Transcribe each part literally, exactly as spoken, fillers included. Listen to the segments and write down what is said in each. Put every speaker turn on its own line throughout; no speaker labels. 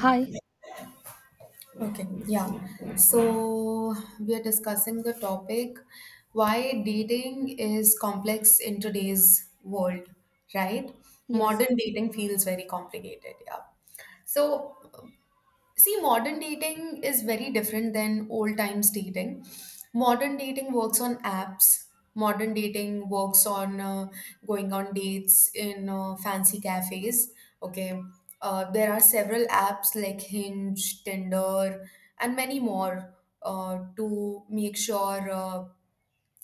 Hi.
Okay, yeah. So we are discussing the topic, why dating is complex in today's world, right? Modern
Yes.
dating feels very complicated, yeah. So. See, modern dating is very different than old times dating. Modern dating works on apps. Modern dating works on uh, going on dates in uh, fancy cafes. Okay. Uh, there are several apps like Hinge, Tinder, and many more uh, to make sure, uh,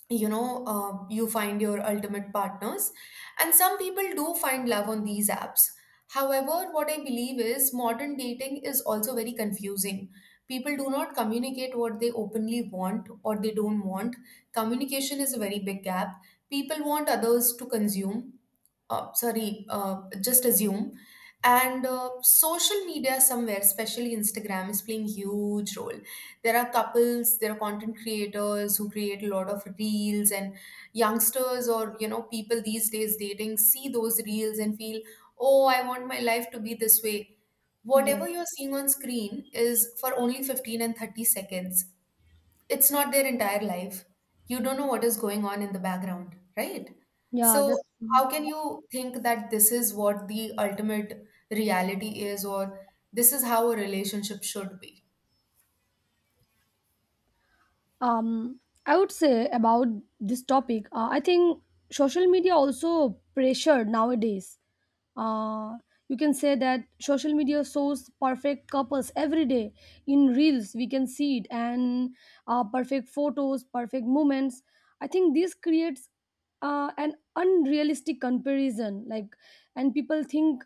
you know uh, you find your ultimate partners. And some people do find love on these apps. However, what I believe is modern dating is also very confusing. People do not communicate what they openly want or they don't want. Communication is a very big gap. People want others to consume, uh, sorry, uh, just assume. And uh, social media somewhere, especially Instagram, is playing huge role. There are couples, there are content creators who create a lot of reels, and youngsters, or you know people these days dating see those reels and feel, oh, I want my life to be this way.
Yeah.
Whatever you're seeing on screen is for only fifteen and thirty seconds. It's not their entire life. You don't know what is going on in the background, right?
Yeah.
So
That's.
how can you think that this is what the ultimate reality is, or this is how a relationship should be?
um, I would say about this topic, uh, I think social media also pressured nowadays. Uh, you can say that social media shows perfect couples every day in reels. We can see it and uh, perfect photos, perfect moments. I think this creates uh, an unrealistic comparison. Like, and people think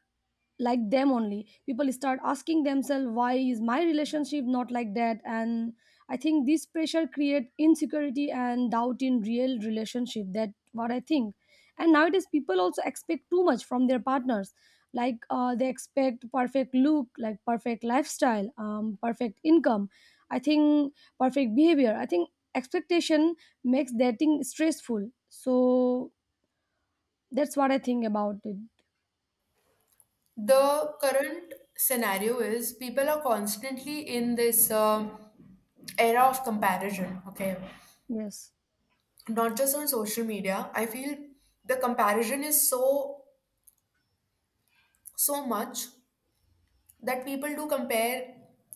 like them only, people start asking themselves, why is my relationship not like that? And I think this pressure create insecurity and doubt in real relationship. That what I think. And nowadays, people also expect too much from their partners. Like uh, they expect perfect look, like perfect lifestyle, um, perfect income. I think perfect behavior. I think expectation makes dating stressful. So that's what I think about it.
The current scenario is people are constantly in this um era of comparison, okay?
Yes.
Not just on social media. I feel the comparison is so, so much that people do compare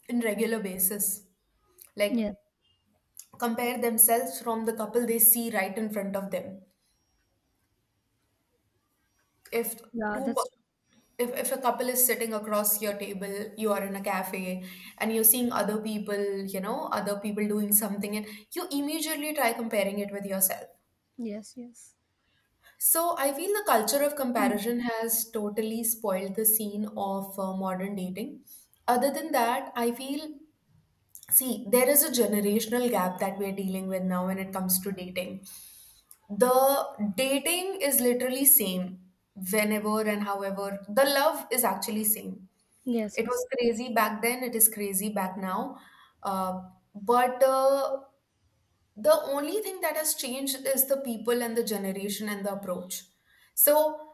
in regular basis. Like,
Yeah.
compare themselves from the couple they see right in front of them. If
Yeah.
two
That's
cou-
true.
if, if a couple is sitting across your table, you are in a cafe and you're seeing other people, you know, other people doing something, and you immediately try comparing it with yourself.
Yes. Yes.
So I feel the culture of
Mm.
comparison has totally spoiled the scene of uh, modern dating. Other than that, I feel, see, there is a generational gap that we're dealing with now when it comes to dating. The dating is literally same, whenever and however the love is actually same.
Yes.
It was
Yes.
crazy back then, it is crazy back now. uh, but uh, the only thing that has changed is the people and the generation and the approach. So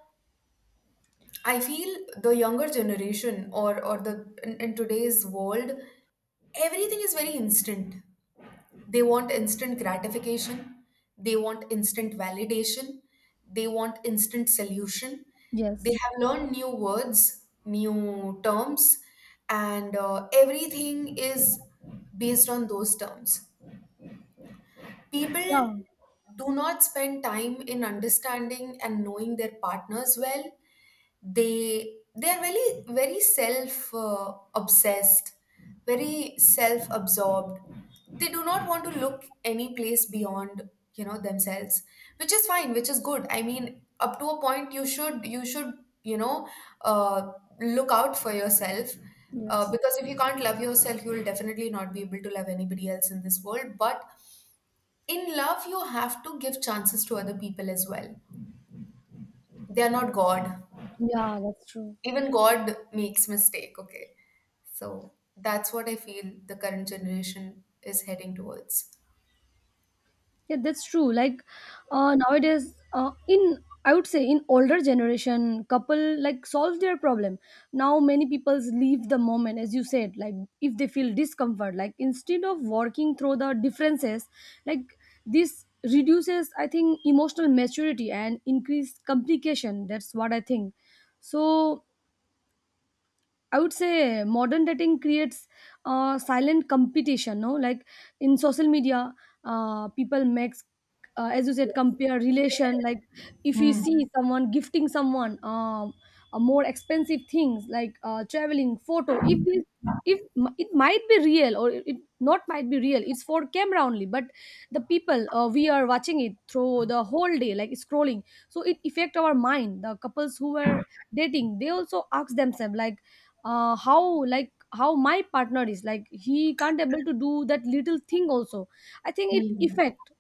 I feel the younger generation, or or the in, in today's world, everything is very instant. They want instant gratification. They want instant validation. They want instant solution. They
Yes.
have learned new words, new terms, and uh, everything is based on those terms.
Yeah.
People do not spend time in understanding and knowing their partners well. They they are very, very self uh, obsessed, very self absorbed. They do not want to look any place beyond, you know themselves. Which is fine, which is good. I mean, up to a point you should you should you know uh, look out for yourself. Uh,
Yes.
because if you can't love yourself, you will definitely not be able to love anybody else in this world. But in love you have to give chances to other people as well. They are not god.
Yeah, that's true.
Even god makes mistake, okay? So that's what I feel the current generation is heading towards.
Yeah, that's true. Like uh, nowadays, uh, in I would say in older generation, couple like solve their problem. Now many people leave the moment, as you said, like if they feel discomfort, like instead of working through the differences, like this reduces, I think, emotional maturity and increase complication. That's what I think. So I would say modern dating creates uh, silent competition. No, like in social media, uh, people makes uh, as you said compare relation. Like if we
Hmm.
see someone gifting someone um, a more expensive things like uh, traveling, photo. If this if m- it might be real or it it not might be real, it's for camera only, but the people uh, we are watching it through the whole day like scrolling, so it affect our mind. The couples who were dating, they also ask themselves, like uh, how like how my partner is, like he can't able to do that little thing also. I think it
Hmm.
affect.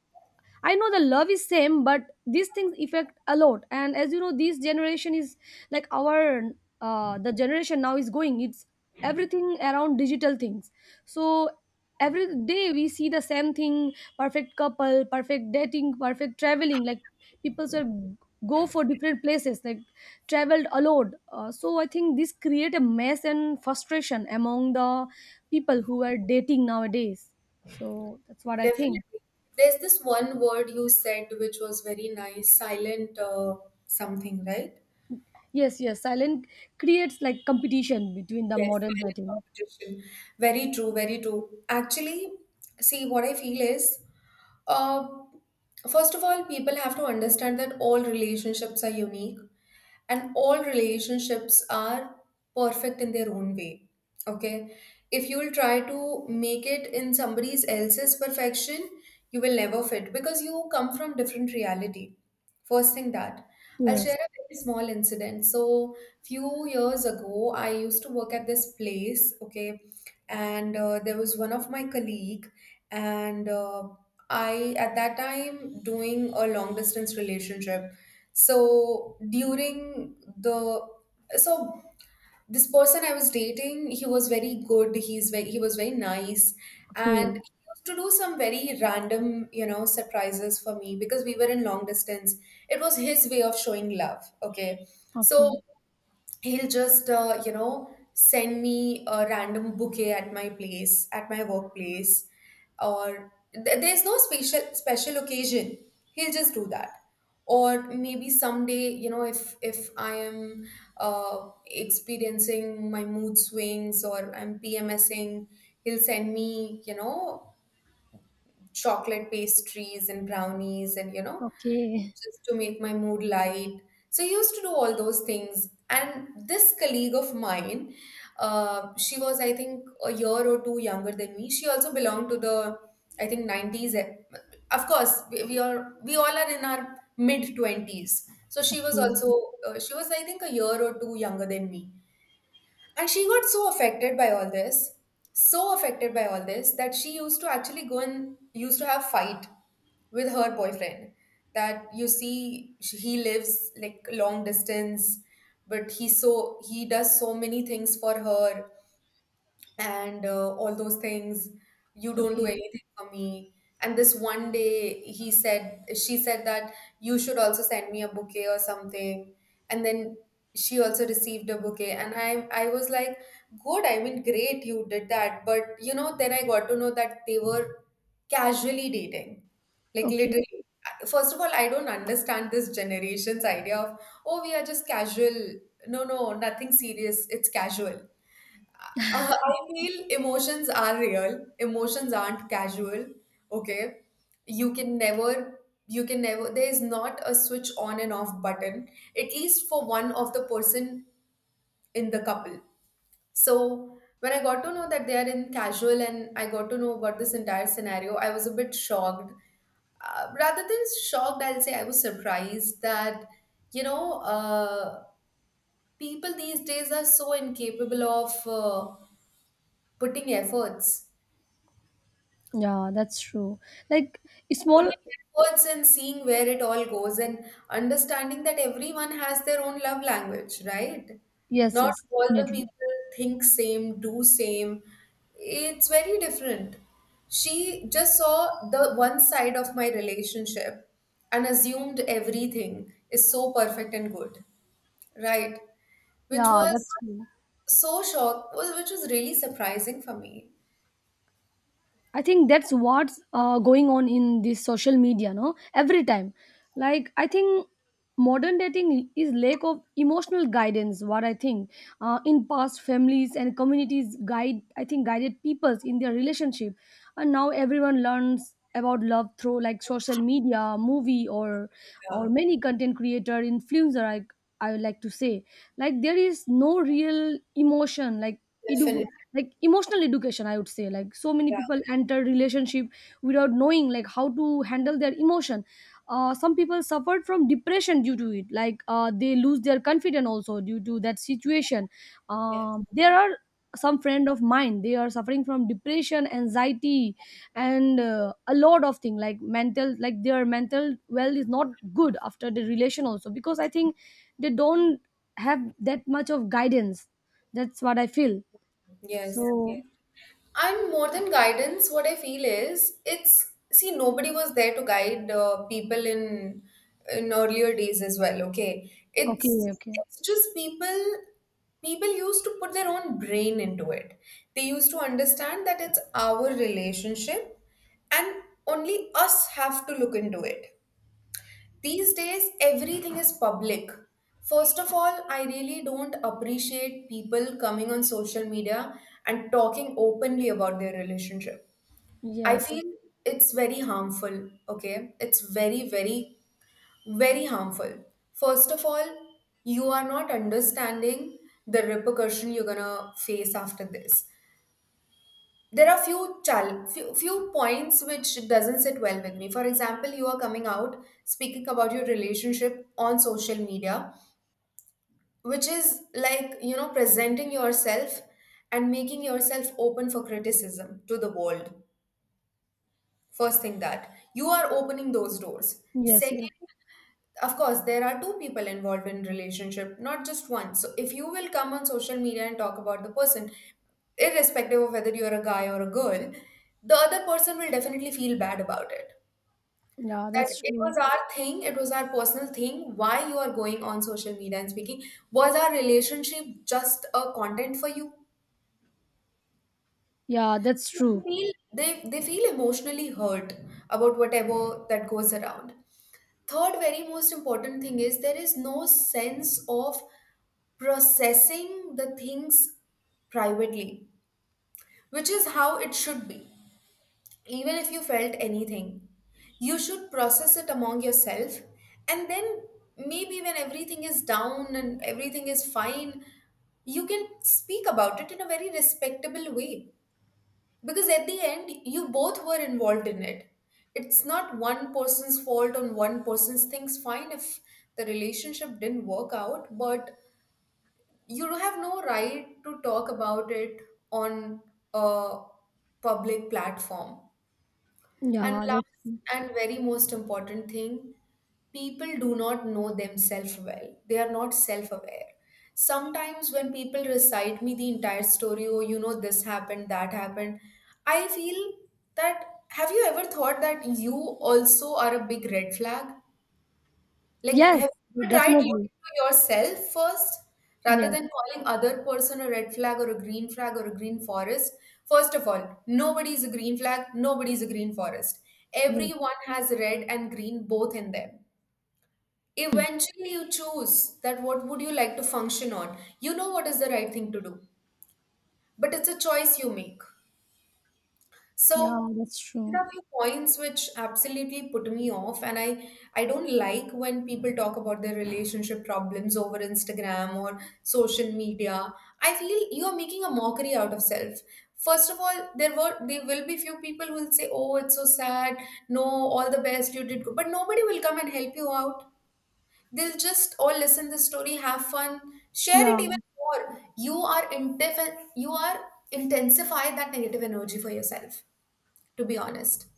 I know the love is same, but these things affect a lot. And as you know, this generation is like our uh, the generation now is going. It's everything around digital things. So every day we see the same thing: perfect couple, perfect dating, perfect traveling. Like people sort of go for different places, like traveled a lot. Uh, so I think this create a mess and frustration among the people who are dating nowadays. So that's what I think.
Definitely. There's this one word you said which was very nice, silent uh, something, right?
Yes, yes. Silent creates like competition between the
Yes,
modern
silent
writing.
competition. Very true, very true. Actually, see, what I feel is, uh, first of all, people have to understand that all relationships are unique and all relationships are perfect in their own way. Okay? If you'll try to make it in somebody else's perfection, you will never fit because you come from different reality. First thing that I'll share
Yes.
a very small incident. So few years ago I used to work at this place, okay? And uh, there was one of my colleague. And uh, I at that time doing a long distance relationship. So during the so this person I was dating, he was very good, he's very he was very nice. And
Okay.
he used to do some very random, you know surprises for me, because we were in long distance. It was his way of showing love, okay? So
Okay.
he'll just, uh, you know send me a random bouquet at my place, at my workplace, or th- there's no special special occasion, he'll just do that. Or maybe someday, you know if if I am uh, experiencing my mood swings or I'm pmsing, he'll send me, you know chocolate pastries and brownies, and you know
Okay.
just to make my mood light. So I used to do all those things. And this colleague of mine, uh, she was, I think, a year or two younger than me. She also belonged to the, I think, nineties. e- Of course, we, we are we all are in our mid twenties. So she was
Okay.
also, uh, she was, I think, a year or two younger than me. And she got so affected by all this, so affected by all this, that she used to actually go and used to have fight with her boyfriend. That, you see, sh- he lives like long distance, but he so he does so many things for her, and uh, all those things, you don't do
Okay.
anything for me. And this one day, he said she said that you should also send me a bouquet or something. And then she also received a bouquet, and i i was like, good, I mean great, you did that. But, you know then I got to know that they were casually dating, like
Okay.
literally. First of all, I don't understand this generation's idea of, oh, we are just casual, no, no, nothing serious, it's casual. Uh, I feel emotions are real. Emotions aren't casual. Okay. You can never, you can never, there is not a switch on and off button, at least for one of the person in the couple. So when I got to know that they are in casual and I got to know about this entire scenario, I was a bit shocked. Uh, rather than shocked, I'll say I was surprised that, you know, uh, people these days are so incapable of uh, putting efforts,
Yeah, that's true. Like small.
putting efforts and seeing where it all goes and understanding that everyone has their own love language, right?
Yes.
Not
Yes.
all the
Definitely.
people think same, do same. It's very different. She just saw the one side of my relationship and assumed everything is so perfect and good, right? Which
Yeah, that's
was
true.
so shock, was- which was really surprising for me.
I think that's what's uh, going on in this social media, no? Every time. Like, I think modern dating is lack of emotional guidance, what I think. Uh, in past, families and communities guide, I think, guided peoples in their relationship. And now everyone learns about love through like social media, movie, or or
Yeah,
many content creator, influencer, I, I would like to say. Like, there is no real emotion. Like, it,
definitely.
like emotional education I would say, like so many
Yeah,
people enter relationship without knowing like how to handle their emotion. Uh, some people suffered from depression due to it, like uh, they lose their confidence also due to that situation.
yes.
Um, there are some friend of mine, they are suffering from depression, anxiety, and uh, a lot of thing, like mental, like their mental well is not good after the relation also, because I think they don't have that much of guidance. That's what I feel.
Yes, yes.
So,
And more than guidance, what I feel is, it's, see, nobody was there to guide uh, people in in earlier days as well. Okay, it's
okay, okay.
it's just people people used to put their own brain into it. They used to understand that it's our relationship, and only us have to look into it. These days, everything is public. First of all, I really don't appreciate people coming on social media and talking openly about their relationship. I
Yes,
feel it's very harmful, okay? It's very, very, very harmful. First of all, you are not understanding the repercussion you're gonna face after this. There are few chal- few, few points which doesn't sit well with me. For example, you are coming out speaking about your relationship on social media, which is like, you know presenting yourself and making yourself open for criticism to the world. First thing, that you are opening those doors.
yes, yes.
Second, of course there are two people involved in relationship, not just one. So if you will come on social media and talk about the person, irrespective of whether you're a guy or a girl, the other person will definitely feel bad about it.
Yeah,
That
that's
it was
true.
our thing, it was our personal thing. Why you are going on social media and speaking? Was our relationship just a content for you?
Yeah, that's
So
true.
they feel they, they feel emotionally hurt about whatever that goes around. Third, very most important thing is there is no sense of processing the things privately, which is how it should be. Even if you felt anything, you should process it among yourself, and then maybe when everything is down and everything is fine, you can speak about it in a very respectable way, because at the end, you both were involved in it. It's not one person's fault, on one person's things. Fine if the relationship didn't work out, but you have no right to talk about it on a public platform. And
Yeah, that's
last
true.
and very most important thing, people do not know themselves well. They are not self aware. Sometimes when people recite me the entire story, oh, you know, this happened, that happened, I feel that, have you ever thought that you also are a big red flag? Like,
Yes,
have you ever tried
definitely.
looking to yourself first rather
Yes,
than calling other person a red flag or a green flag or a green forest? First of all, nobody is a green flag, nobody is a green forest.
yes.
Everyone has red and green both in them. Eventually, you choose that what would you like to function on. You know what is the right thing to do, but it's a choice you make.
Yeah,
So
that's
these
true.
are few points which absolutely put me off, and I I don't like when people talk about their relationship problems over Instagram or social media. I feel you are making a mockery out of self. First of all, there were there will be few people who will say, "Oh, it's so sad. No, all the best, you did good," but nobody will come and help you out. They'll just all listen the story, have fun, share it even
Yeah.
more. You are intensify you are intensify that negative energy for yourself, to be honest.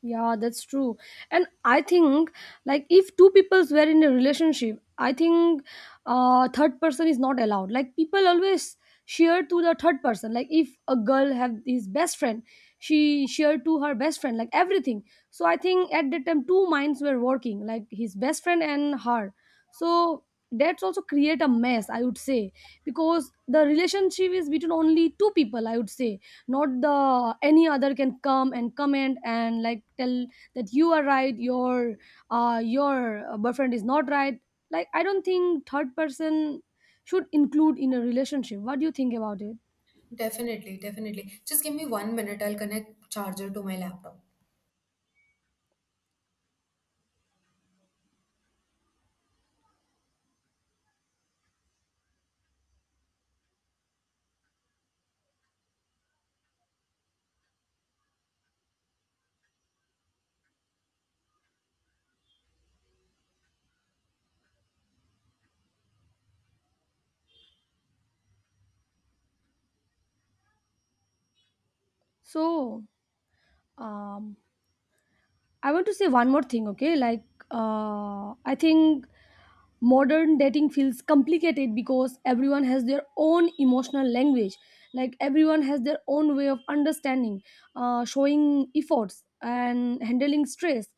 Yeah, that's true. And I think, like, if two peoples were in a relationship, I think uh third person is not allowed. Like people always share to the third person. Like if a girl have his best friend, she share to her best friend, like everything. So I think at that time two minds were working, like his best friend and her. So that's also create a mess, I would say, because the relationship is between only two people, I would say. Not the any other can come and comment and like tell that you are right, your uh your boyfriend is not right. Like, I don't think third person should include in a relationship. What do you think about it?
Definitely, definitely. Just give me one minute. I'll connect charger to my laptop.
So um I want to say one more thing, okay? Like uh I think modern dating feels complicated because everyone has their own emotional language. Like everyone has their own way of understanding, uh, showing efforts and handling stress,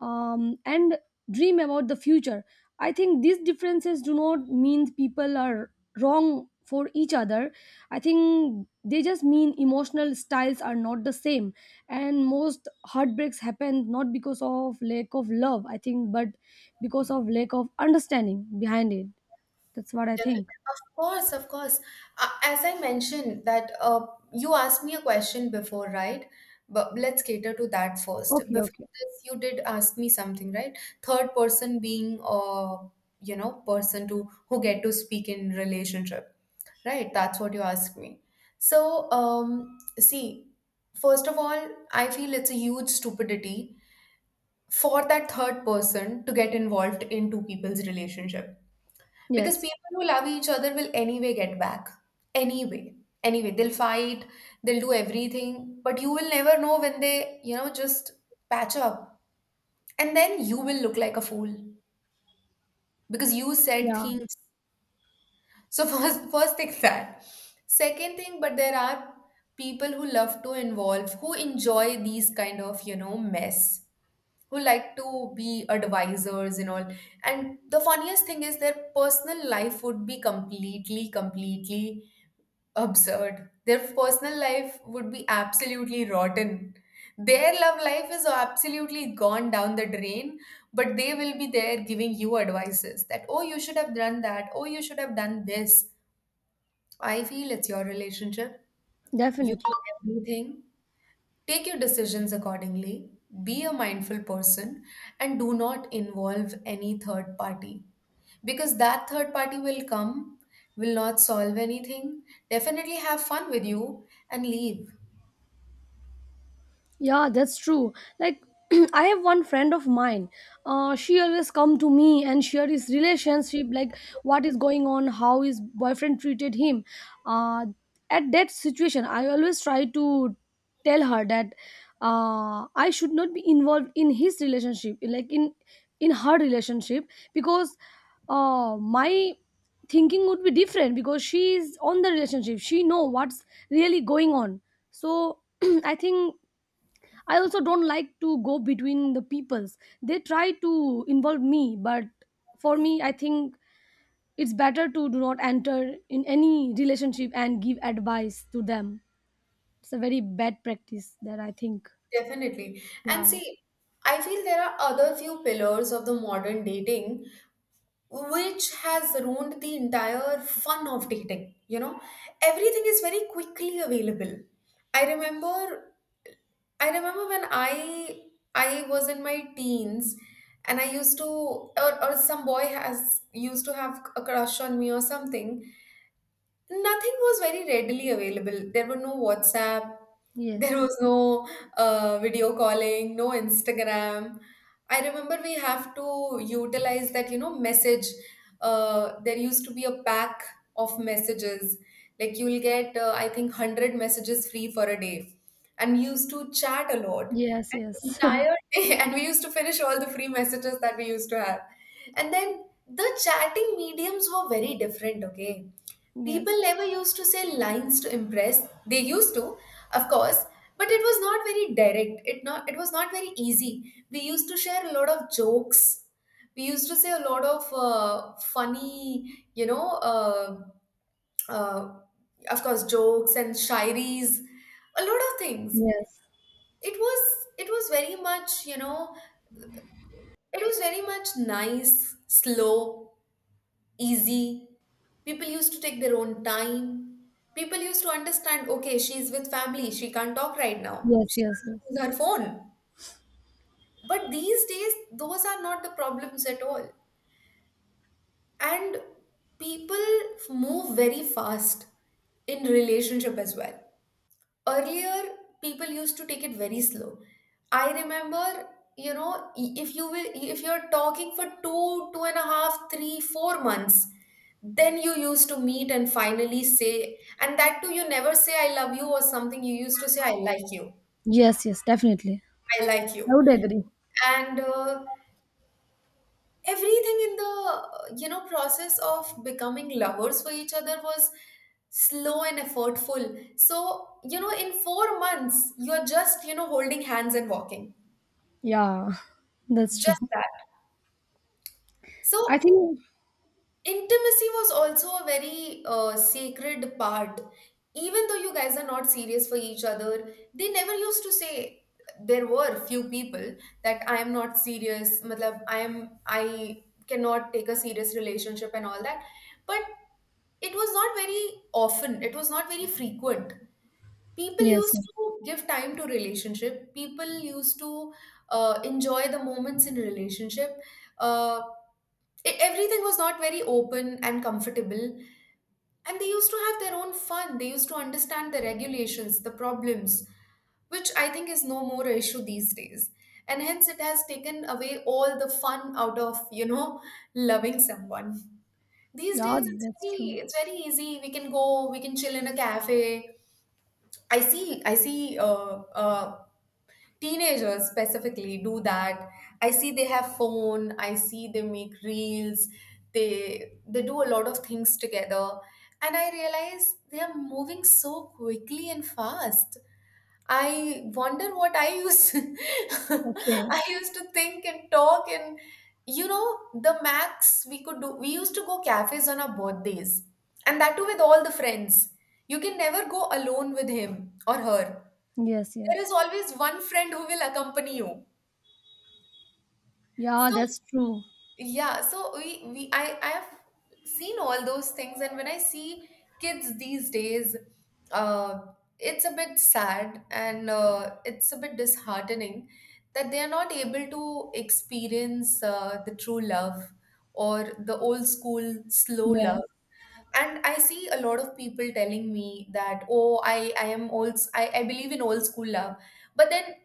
um, and dream about the future. I think these differences do not mean people are wrong for each other. I think they just mean emotional styles are not the same, and most heartbreaks happen not because of lack of love, I think, but because of lack of understanding behind it. That's what I
Definitely.
think.
Of course, of course. Uh, as I mentioned that, uh, you asked me a question before, right? But let's cater to that first.
Okay,
Before
okay.
this, you did ask me something, right? Third person being, uh, you know, person to who get to speak in relationship, right? That's what you asked me. So, um, see, first of all, I feel it's a huge stupidity for that third person to get involved in two people's relationship, because
Yes.
people who love each other will anyway get back, anyway anyway they'll fight, they'll do everything, but you will never know when they you know just patch up, and then you will look like a fool because you said
Yeah,
things. So first first thing, that second thing, but there are people who love to involve, who enjoy these kind of you know mess, who like to be advisors and all. And the funniest thing is, their personal life would be completely completely absurd, their personal life would be absolutely rotten, their love life is absolutely gone down the drain, but they will be there giving you advices that, oh, you should have done that, oh, you should have done this. I feel it's your relationship, you
definitely.
know everything. Take your decisions accordingly, be a mindful person, and do not involve any third party. Because that third party will come, will not solve anything, definitely have fun with you, and leave.
Yeah, that's true. Like I have one friend of mine. Uh, she always come to me and share his relationship, like what is going on, how his boyfriend treated him. Uh, at that situation, I always try to tell her that uh, I should not be involved in his relationship, like in in her relationship, because uh, my thinking would be different because she is on the relationship. She know what's really going on. So I think I also don't like to go between the peoples. They try to involve me, but for me, I think it's better to do not enter in any relationship and give advice to them. It's a very bad practice that I think.
Definitely. And
Yeah.
see, I feel there are other few pillars of the modern dating which has ruined the entire fun of dating. You know, everything is very quickly available. I remember I remember when I I was in my teens and I used to, or, or some boy has used to have a crush on me or something. Nothing was very readily available. There were no WhatsApp, there
Yes.
was no uh, video calling, no Instagram. I remember we have to utilize that, you know, message. Uh, there used to be a pack of messages. Like, you'll get, uh, I think, one hundred messages free for a day. And we used to chat a lot.
Yes.
And
Yes.
entire day. And we used to finish all the free messages that we used to have. And then the chatting mediums were very different, okay? People
yes.
never used to say lines to impress. They used to, of course, but it was not very direct. It not it was not very easy. We used to share a lot of jokes. We used to say a lot of uh, funny, you know, uh, uh, of course, jokes and shairis, a lot of things.
Yes.
It was it was very much, you know, it was very much nice, slow, easy. People used to take their own time. People used to understand, okay, she's with family, she can't talk right now,
Yes.
she
Yes. Yes.
can't use her phone. But these days, those are not the problems at all. And people move very fast in relationship as well. Earlier, people used to take it very slow. I remember, you know i- if you will if you're talking for two, two and a half, three four months, then you used to meet and finally say, and that too, you never say "I love you" or something. You used to say "I like you."
Yes. Yes. Definitely.
"I like
I
you."
would agree.
And uh, everything in the, uh, you know process of becoming lovers for each other was slow and effortful. So, you know in four months you're just, you know holding hands and walking.
Yeah. That's
Just
true.
that. So,
I think.
intimacy was also a very uh, sacred part. Even though you guys are not serious for each other, they never used to say, there were few people that, "I am not serious, matlab, I am I cannot take a serious relationship," and all that. But it was not very often, it was not very frequent. People
Yes.
used
Yes.
to give time to relationship. People used to uh, enjoy the moments in relationship. Uh, it, Everything was not very open and comfortable, and they used to have their own fun, they used to understand the regulations, the problems, which I think is no more an issue these days, and hence it has taken away all the fun out of, you know loving someone. These days
Yeah.
it's
That's
very
true.
it's very easy, we can go we can chill in a cafe. I see i see uh, uh, teenagers specifically do that. I see they have phone, I see they make reels, they they do a lot of things together, and I realize they are moving so quickly and fast. I wonder what I used
Okay.
I used to think and talk and, you know the max we could do, we used to go cafes on our birthdays, and that too with all the friends. You can never go alone with him or her,
Yes.
there
Yes.
is always one friend who will accompany you.
Yeah.
So,
That's true.
yeah, so we we I I have seen all those things, and when I see kids these days, uh, it's a bit sad, and uh, it's a bit disheartening that they are not able to experience uh, the true love or the old school slow
Yeah.
love. And I see a lot of people telling me that, oh, I I am old, I I believe in old school love, but then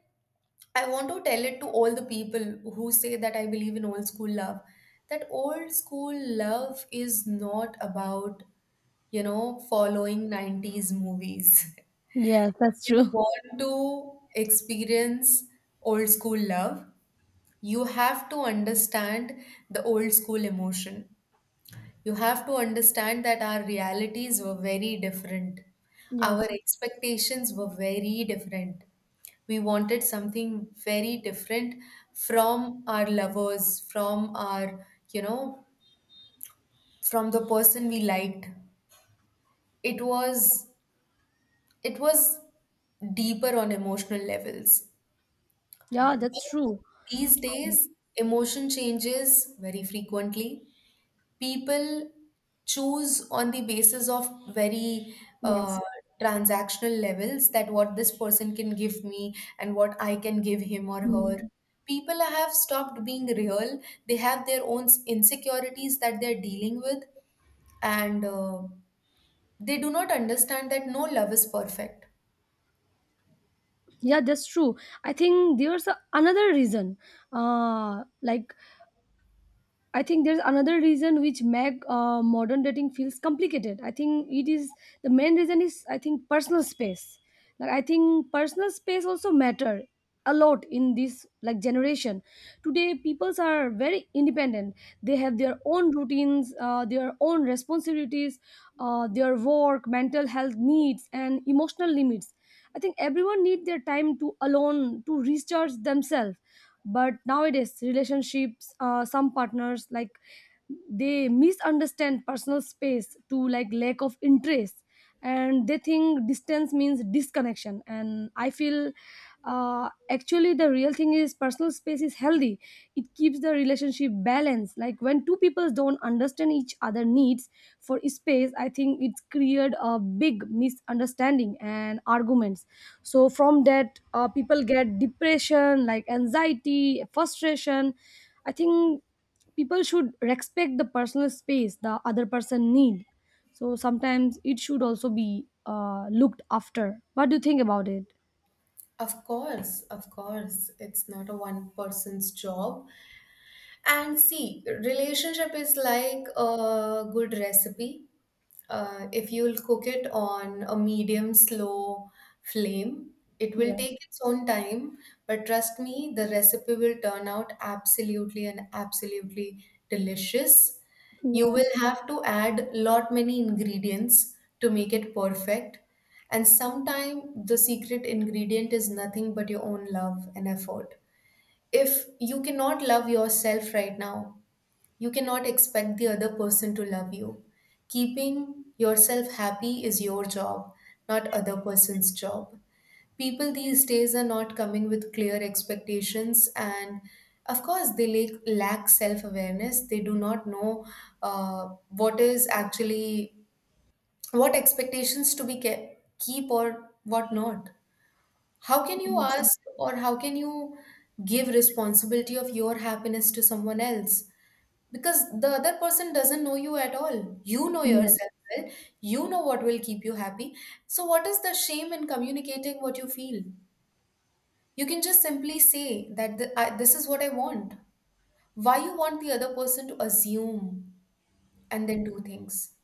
I want to tell it to all the people who say that I believe in old school love. That old school love is not about, you know, following nineties movies.
Yes, that's
If you
true.
want to experience old school love, you have to understand the old school emotion. You have to understand that our realities were very different. Our
Yes.
expectations were very different. We wanted something very different from our lovers, from our, you know, from the person we liked. It was it was deeper on emotional levels.
Yeah,
But
that's true.
these days, emotion changes very frequently. People choose on the basis of very uh,
Yes.
transactional levels, that what this person can give me and what I can give him or
Mm.
her. People have stopped being real. They have their own s- insecurities that they're dealing with, and uh, they do not understand that no love is perfect.
Yeah, that's true. I think there's a, another reason. Uh, like I think there's another reason which make uh, modern dating feels complicated. I think it is, the main reason is, I think, personal space. Like I think personal space also matter a lot in this like generation. Today peoples are very independent. They have their own routines, uh, their own responsibilities, uh, their work, mental health needs, and emotional limits. I think everyone need their time to alone to recharge themselves, but nowadays relationships, uh, some partners like, they misunderstand personal space to like lack of interest, and they think distance means disconnection. And I feel uh, actually the real thing is personal space is healthy. It keeps the relationship balanced. Like when two people don't understand each other needs for space, I think it's created a big misunderstanding and arguments. So from that, uh, people get depression, like anxiety, frustration. I think people should respect the personal space the other person need. So sometimes it should also be uh, looked after. What do you think about it?
Of course, of course, it's not a one person's job. And see, relationship is like a good recipe. Uh, if you'll cook it on a medium slow flame, it will
Yes.
take its own time, but trust me, the recipe will turn out absolutely and absolutely delicious. You will
Yes,
have to add lot many ingredients to make it perfect. And sometimes the secret ingredient is nothing but your own love and effort. If you cannot love yourself right now, you cannot expect the other person to love you. Keeping yourself happy is your job, not other person's job. People these days are not coming with clear expectations, and of course they lack, lack self-awareness. They do not know uh, what is actually, what expectations to be ke- keep or what not. How can you
yes,
ask, or how can you give responsibility of your happiness to someone else? Because the other person doesn't know you at all, you know
yes.
yourself well, you know what will keep you happy. So what is the shame in communicating what you feel? You can just simply say that, the, I, this is what I want. Why you want the other person to assume and then do things?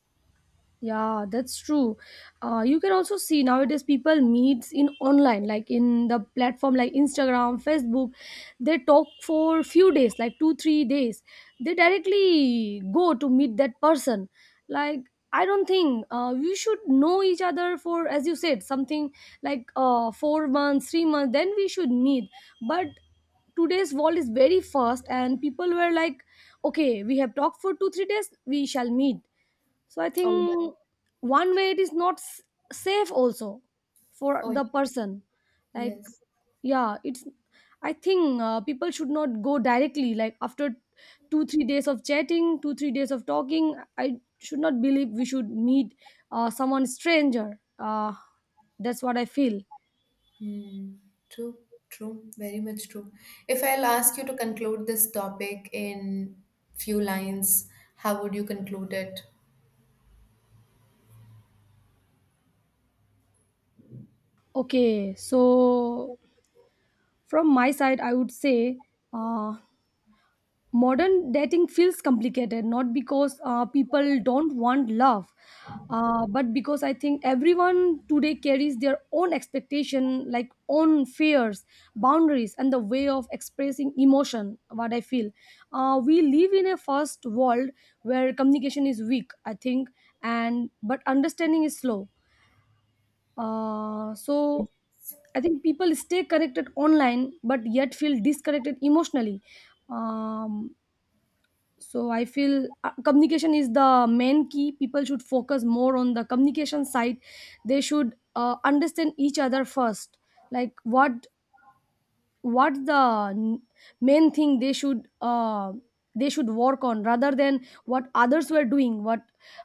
Yeah, that's true. Uh, you can also see nowadays people meets in online, like in the platform like Instagram, Facebook. They talk for few days, like two, three days. They directly go to meet that person. Like I don't think uh, we should know each other for, as you said, something like uh, four months, three months. Then we should meet. But today's world is very fast, and people were like, okay, we have talked for two, three days. We shall meet. So I
Oh, yeah.
think one way it is not s- safe also for
Oh, yeah.
the person. Like
Yes.
yeah, it's. I think uh, people should not go directly. Like after two three days of chatting, two three days of talking, I should not believe we should meet uh, someone stranger. Uh, that's what I feel.
Hmm. True. True. Very much true. If I'll ask you to conclude this topic in few lines, how would you conclude it?
Okay, so from my side, I would say uh, modern dating feels complicated not because uh, people don't want love, uh, but because I think everyone today carries their own expectation, like own fears, boundaries, and the way of expressing emotion, what I feel. Uh, we live in a fast world where communication is weak, I think, and but understanding is slow. Uh, so I think people stay connected online but yet feel disconnected emotionally. um, so I feel uh, communication is the main key. People should focus more on the communication side. They should uh, understand each other first. Like what what the n- main thing they should uh, they should work on, rather than what others were doing. What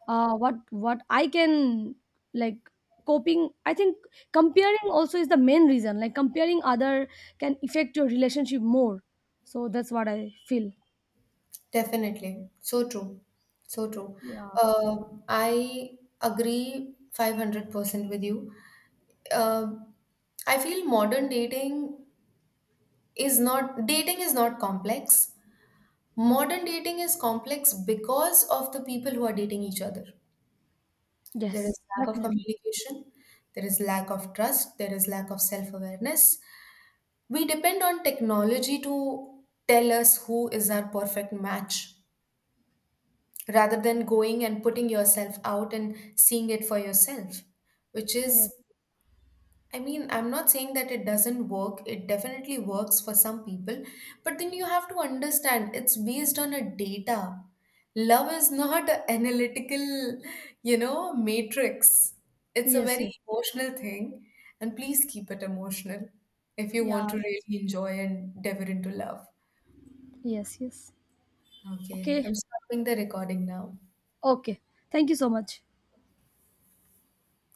uh, what what I can, like, coping. I think comparing also is the main reason. Like comparing other can affect your relationship more. So that's what I feel.
Definitely. So true. So true.
Yeah.
Uh, I agree five hundred percent with you. Uh, I feel modern dating is not, dating is not complex. Modern dating is complex because of the people who are dating each other. There is
Yes,
lack of
definitely.
communication, there is lack of trust, there is lack of self-awareness. We depend on technology to tell us who is our perfect match rather than going and putting yourself out and seeing it for yourself, which
Yes,
is I mean, I'm not saying that it doesn't work, it definitely works for some people, but then you have to understand, it's based on a data. Love is not an analytical, you know matrix, it's a
yes,
very
yes.
emotional thing, and please keep it emotional if you want
Yeah,
to
that's
really enjoy and dive into love.
yes, yes.
Okay,
Okay,
I'm stopping the recording now.
okay. Thank you so much.